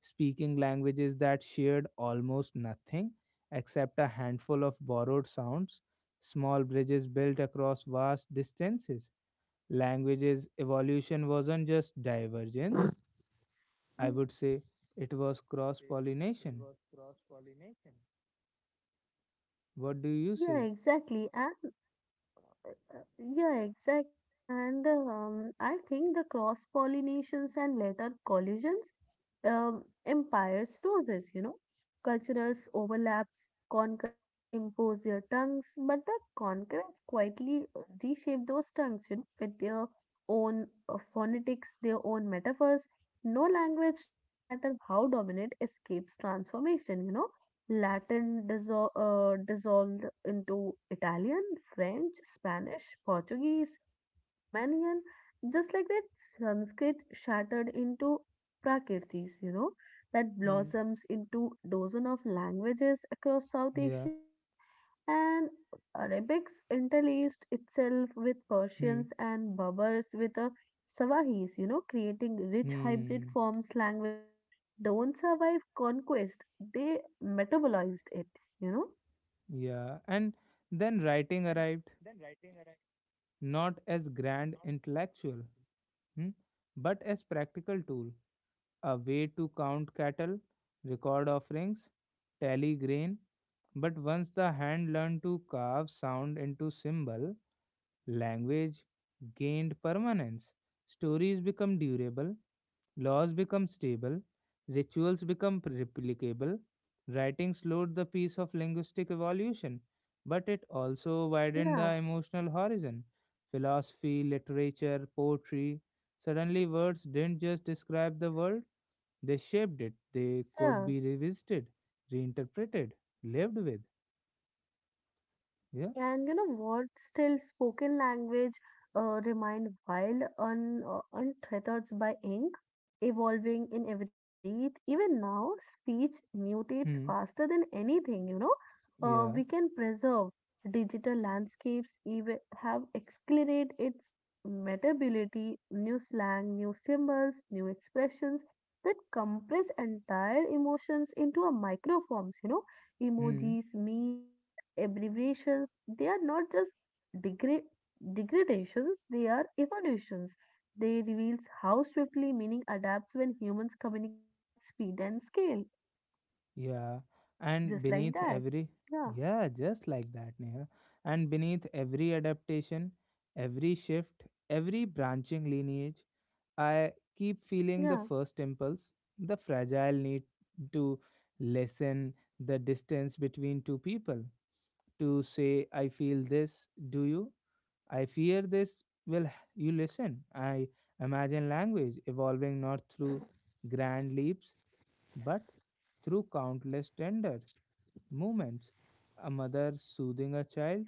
speaking languages that shared almost nothing except a handful of borrowed sounds, small bridges built across vast distances. Languages evolution wasn't just divergence, I would
yeah,
say it was cross pollination. What do you
yeah,
say?
exactly. And Yeah, exactly. And I think the cross pollinations and later collisions empires do this, you know. Cultures overlaps, conquerors impose their tongues, but the conquerors quietly reshape those tongues, you know, with their own phonetics, their own metaphors. No language, no matter how dominant, escapes transformation, you know. Latin dissolved into Italian, French, Spanish, Portuguese, Romanian, just like that. Sanskrit shattered into Prakritis, you know, that
Hmm.
blossoms into dozen of languages across South
Yeah.
Asia, I think. And Arabics interlaced itself with
Hmm.
Persians and Berbers with the Sawahis, you know, creating rich
Hmm.
hybrid forms. Languages don't survive conquest, they metabolized it, you know?
Yeah. And then writing arrived, not as grand intellectual, hmm, but as practical tool, a way to count cattle, record offerings, tally grain. But once the hand learned to carve sound into symbol, language gained permanence. Stories become durable, laws become stable, rituals become replicable, writing slowed the pace of linguistic evolution, but it also widened the
Yeah,
emotional horizon. Philosophy, literature, poetry, suddenly, words didn't just describe the world, they shaped it. They could
yeah.
be revisited, reinterpreted, lived with. Yeah.
And you know what? Still, spoken language remained wild, untethered by ink, evolving in every breath. Even now, speech mutates
Hmm.
faster than anything, you know. Uh,
Yeah.
we can preserve digital landscapes, even have accelerated its mutability, new slang, new symbols, new expressions that compress entire emotions into a microforms, you know,
Hmm.
emojis, memes, abbreviations they are not just degra- degradations, they are evolutions, they reveals how swiftly meaning adapts when humans communicate at speed and scale,
Yeah, and
just like
beneath
that.
every,
Yeah,
yeah, just like that, Neha. And beneath every adaptation, every shift, every branching lineage, I keep feeling the
yeah,
first impulse, the fragile need to lessen the distance between two people, to say, I feel this, do you? I fear this. Well, you listen. I imagine language evolving not through grand leaps but through countless tender moments, a mother soothing a child,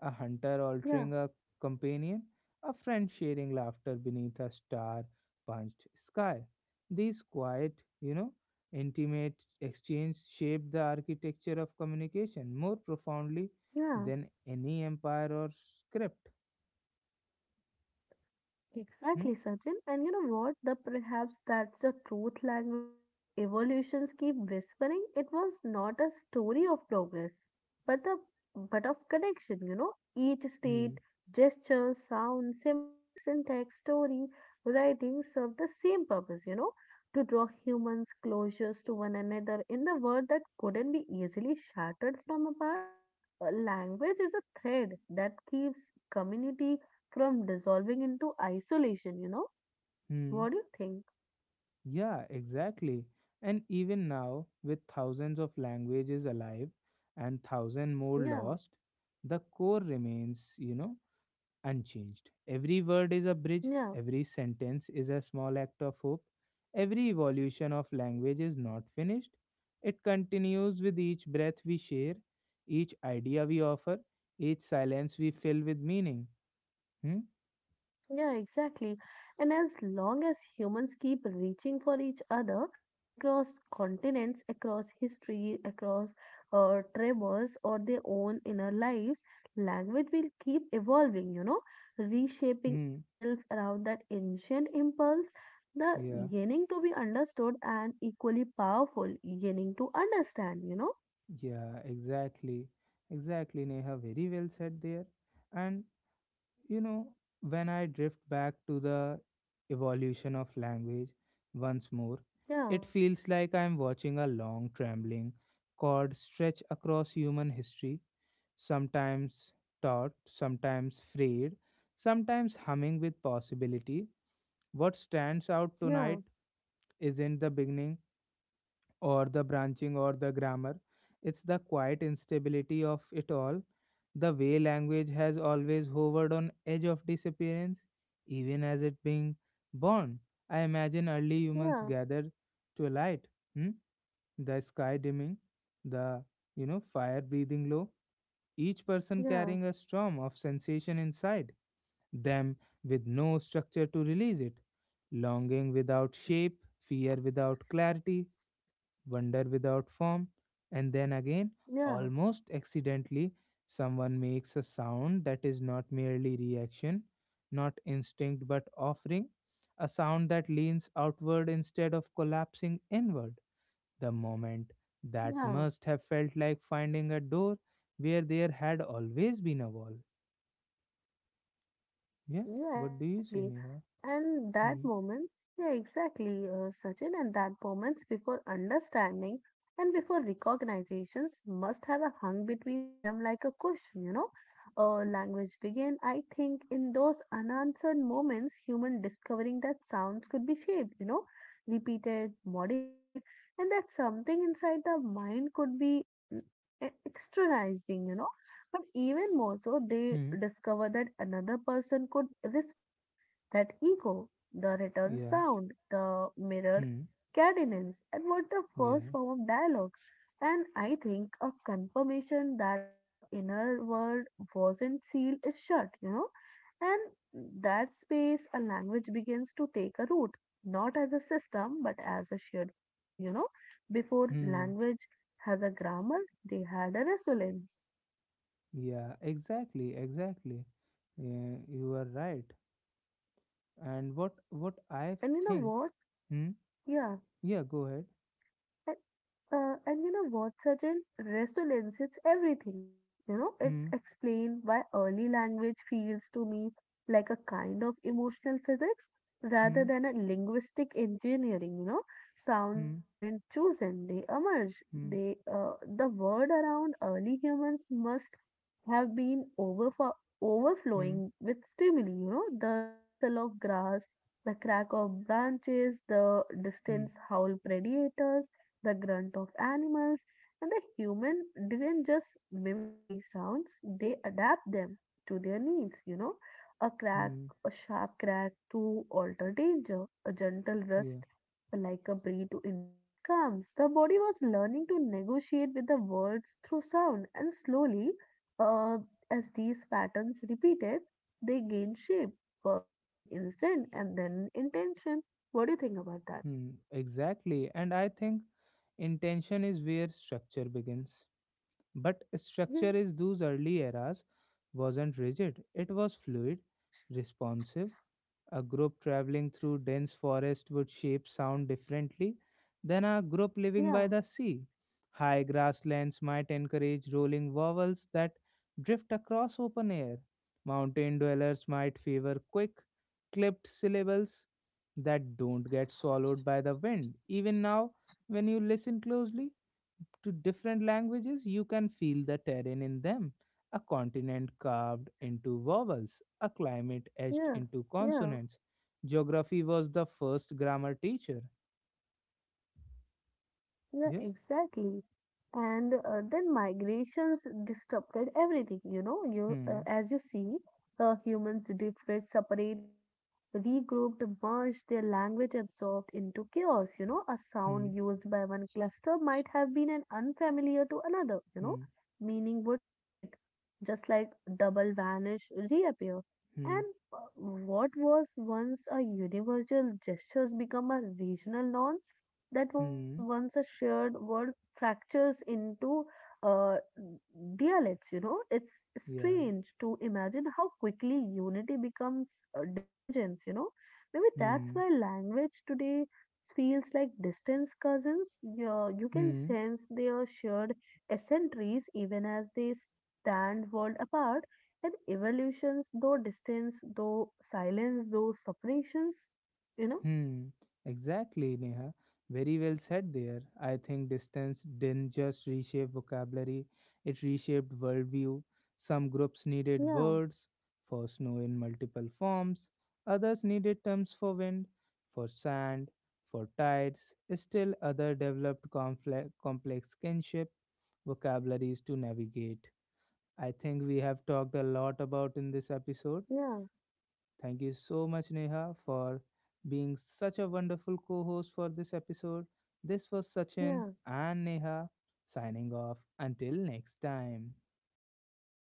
a hunter
yeah,
altering a companion, a friend sharing laughter beneath a star punched sky. These quiet, you know, intimate exchange shape the architecture of communication more profoundly
yeah.
than any empire or script. Hmm?
Exactly, Sachin. And you know what? The perhaps that's the truth language evolutions keep whispering. It was not a story of progress, but the but of connection, you know. Each
Hmm.
state, gesture, sound, symbol, syntax, story, writing serve the same purpose, you know, to draw humans closures to one another in the world that couldn't be easily shattered from apart. A language is a thread that keeps community from dissolving into isolation, you know?
Hmm.
What do you think?
Yeah, exactly. And even now, with thousands of languages alive and thousand more
Yeah,
lost, the core remains, unchanged. Every word is a bridge,
yeah,
every sentence is a small act of hope, every evolution of language is not finished. It continues with each breath we share, each idea we offer, each silence we fill with meaning. Hmm?
yeah, exactly. And as long as humans keep reaching for each other across continents, across history, across tremors or their own inner lives, language will keep evolving, you know, reshaping
Hmm.
itself around that ancient impulse. The
Yeah.
yearning to be understood and equally powerful yearning to understand, you know?
Yeah, exactly. Exactly, Neha. Very well said there. And, you know, when I drift back to the evolution of language once more,
Yeah,
it feels like I'm watching a long, trembling cord stretch across human history, sometimes taut, sometimes frayed, sometimes humming with possibility. What stands out
yeah,
tonight isn't the beginning or the branching or the grammar. It's the quiet instability of it all, the way language has always hovered on edge of disappearance, even as it being born. I imagine early humans
yeah.
gathered to a light, hmm? The sky dimming, the fire breathing low, each person
Yeah,
carrying a storm of sensation inside them with no structure to release it, longing without shape, fear without clarity, wonder without form. And then again,
yeah,
almost accidentally, someone makes a sound that is not merely reaction, not instinct, but offering, a sound that leans outward instead of collapsing inward. The moment that
yeah,
must have felt like finding a door where there had always been a wall. Yeah,
yeah,
what do you say,
exactly.
Neha?
And that
Hmm.
moment, yeah, exactly, Sachin, and that moments before understanding and before recognizations must have a hung between them like a cushion, you know. Language begin, I think, in those unanswered moments, human discovering that sounds could be shaped, you know, repeated, modified, and that something inside the mind could be mm, externalizing, you know. But even more so, they
Hmm.
discover that another person could respond. That echo, the return
Yeah.
sound, the mirrored
Hmm.
cadence, and what the first
Yeah.
form of dialogue. And I think a confirmation that the inner world wasn't sealed is shut, you know. And that space, a language begins to take a root, not as a system, but as a shared feeling, you know. Before
Hmm.
language has a grammar, they had a resonance.
Yeah, exactly, exactly. Yeah, you are right. And what I
And you know
think?
what?
Hmm.
Yeah,
Yeah, go ahead.
and and you know what, Sachin? Resonance is everything. You know, it's
Hmm.
explained why early language feels to me like a kind of emotional physics rather
Hmm.
than a linguistic engineering. You know, sounds
Hmm.
weren't chosen, they emerge.
Hmm.
The word around early humans must have been
Hmm.
overflowing with stimuli. You know, the rustle of grass, the crack of branches, the
Hmm.
distant howl predators, the grunt of animals, and the human didn't just mimic these sounds, they adapt them to their needs, you know. A crack,
Hmm.
a sharp crack to alter danger, a gentle
Yeah.
rust like a breeze to indicate calms. The body was learning to negotiate with the words through sound, and slowly, uh, as these patterns repeated, they gained shape, first in instinct and then in intention. What do you think about that?
Hmm. Exactly. And I think intention is where structure begins. But structure
Yeah,
is those early eras wasn't rigid. It was fluid, responsive. A group traveling through dense forest would shape sound differently than a group living by
yeah.
the sea. High grasslands might encourage rolling vowels that drift across open air. Mountain dwellers might favor quick, clipped syllables that don't get swallowed by the wind. Even now, when you listen closely, to different languages, you can feel the terrain in them. A continent carved into vowels, a climate etched
Yeah,
into
yeah,
consonants. Geography was the first grammar teacher.
yeah,
Yeah.
exactly. And then migrations disrupted everything, you know. You,
Hmm.
uh, as you see, the humans differed, separated, regrouped, merged, their language absorbed into chaos, you know. A
Hmm.
sound used by one cluster might have been an unfamiliar to another, you
Hmm.
know. Meaning would split, just like double vanish, reappear.
Hmm.
And what was once a universal gestures become a regional norm that was
Hmm.
once a shared world fractures into uh, dialects. You know, it's
Yeah.
strange to imagine how quickly unity becomes divergence. You know, maybe that's
Hmm.
why language today feels like distance cousins. You can
Hmm.
sense their shared eccentricities even as they stand world apart. And evolutions, though distance, though silence, though separations, you know?
Hmm, exactly, Neha. Very well said there. I think distance didn't just reshape vocabulary, it reshaped worldview. Some groups needed
Yeah,
words for snow in multiple forms, others needed terms for wind, for sand, for tides. Still, others developed complex kinship vocabularies to navigate. I think we have talked a lot about in this episode.
yeah,
Thank you so much, Neha, for being such a wonderful co host for this episode. This was Sachin
yeah.
and Neha signing off. Until next time.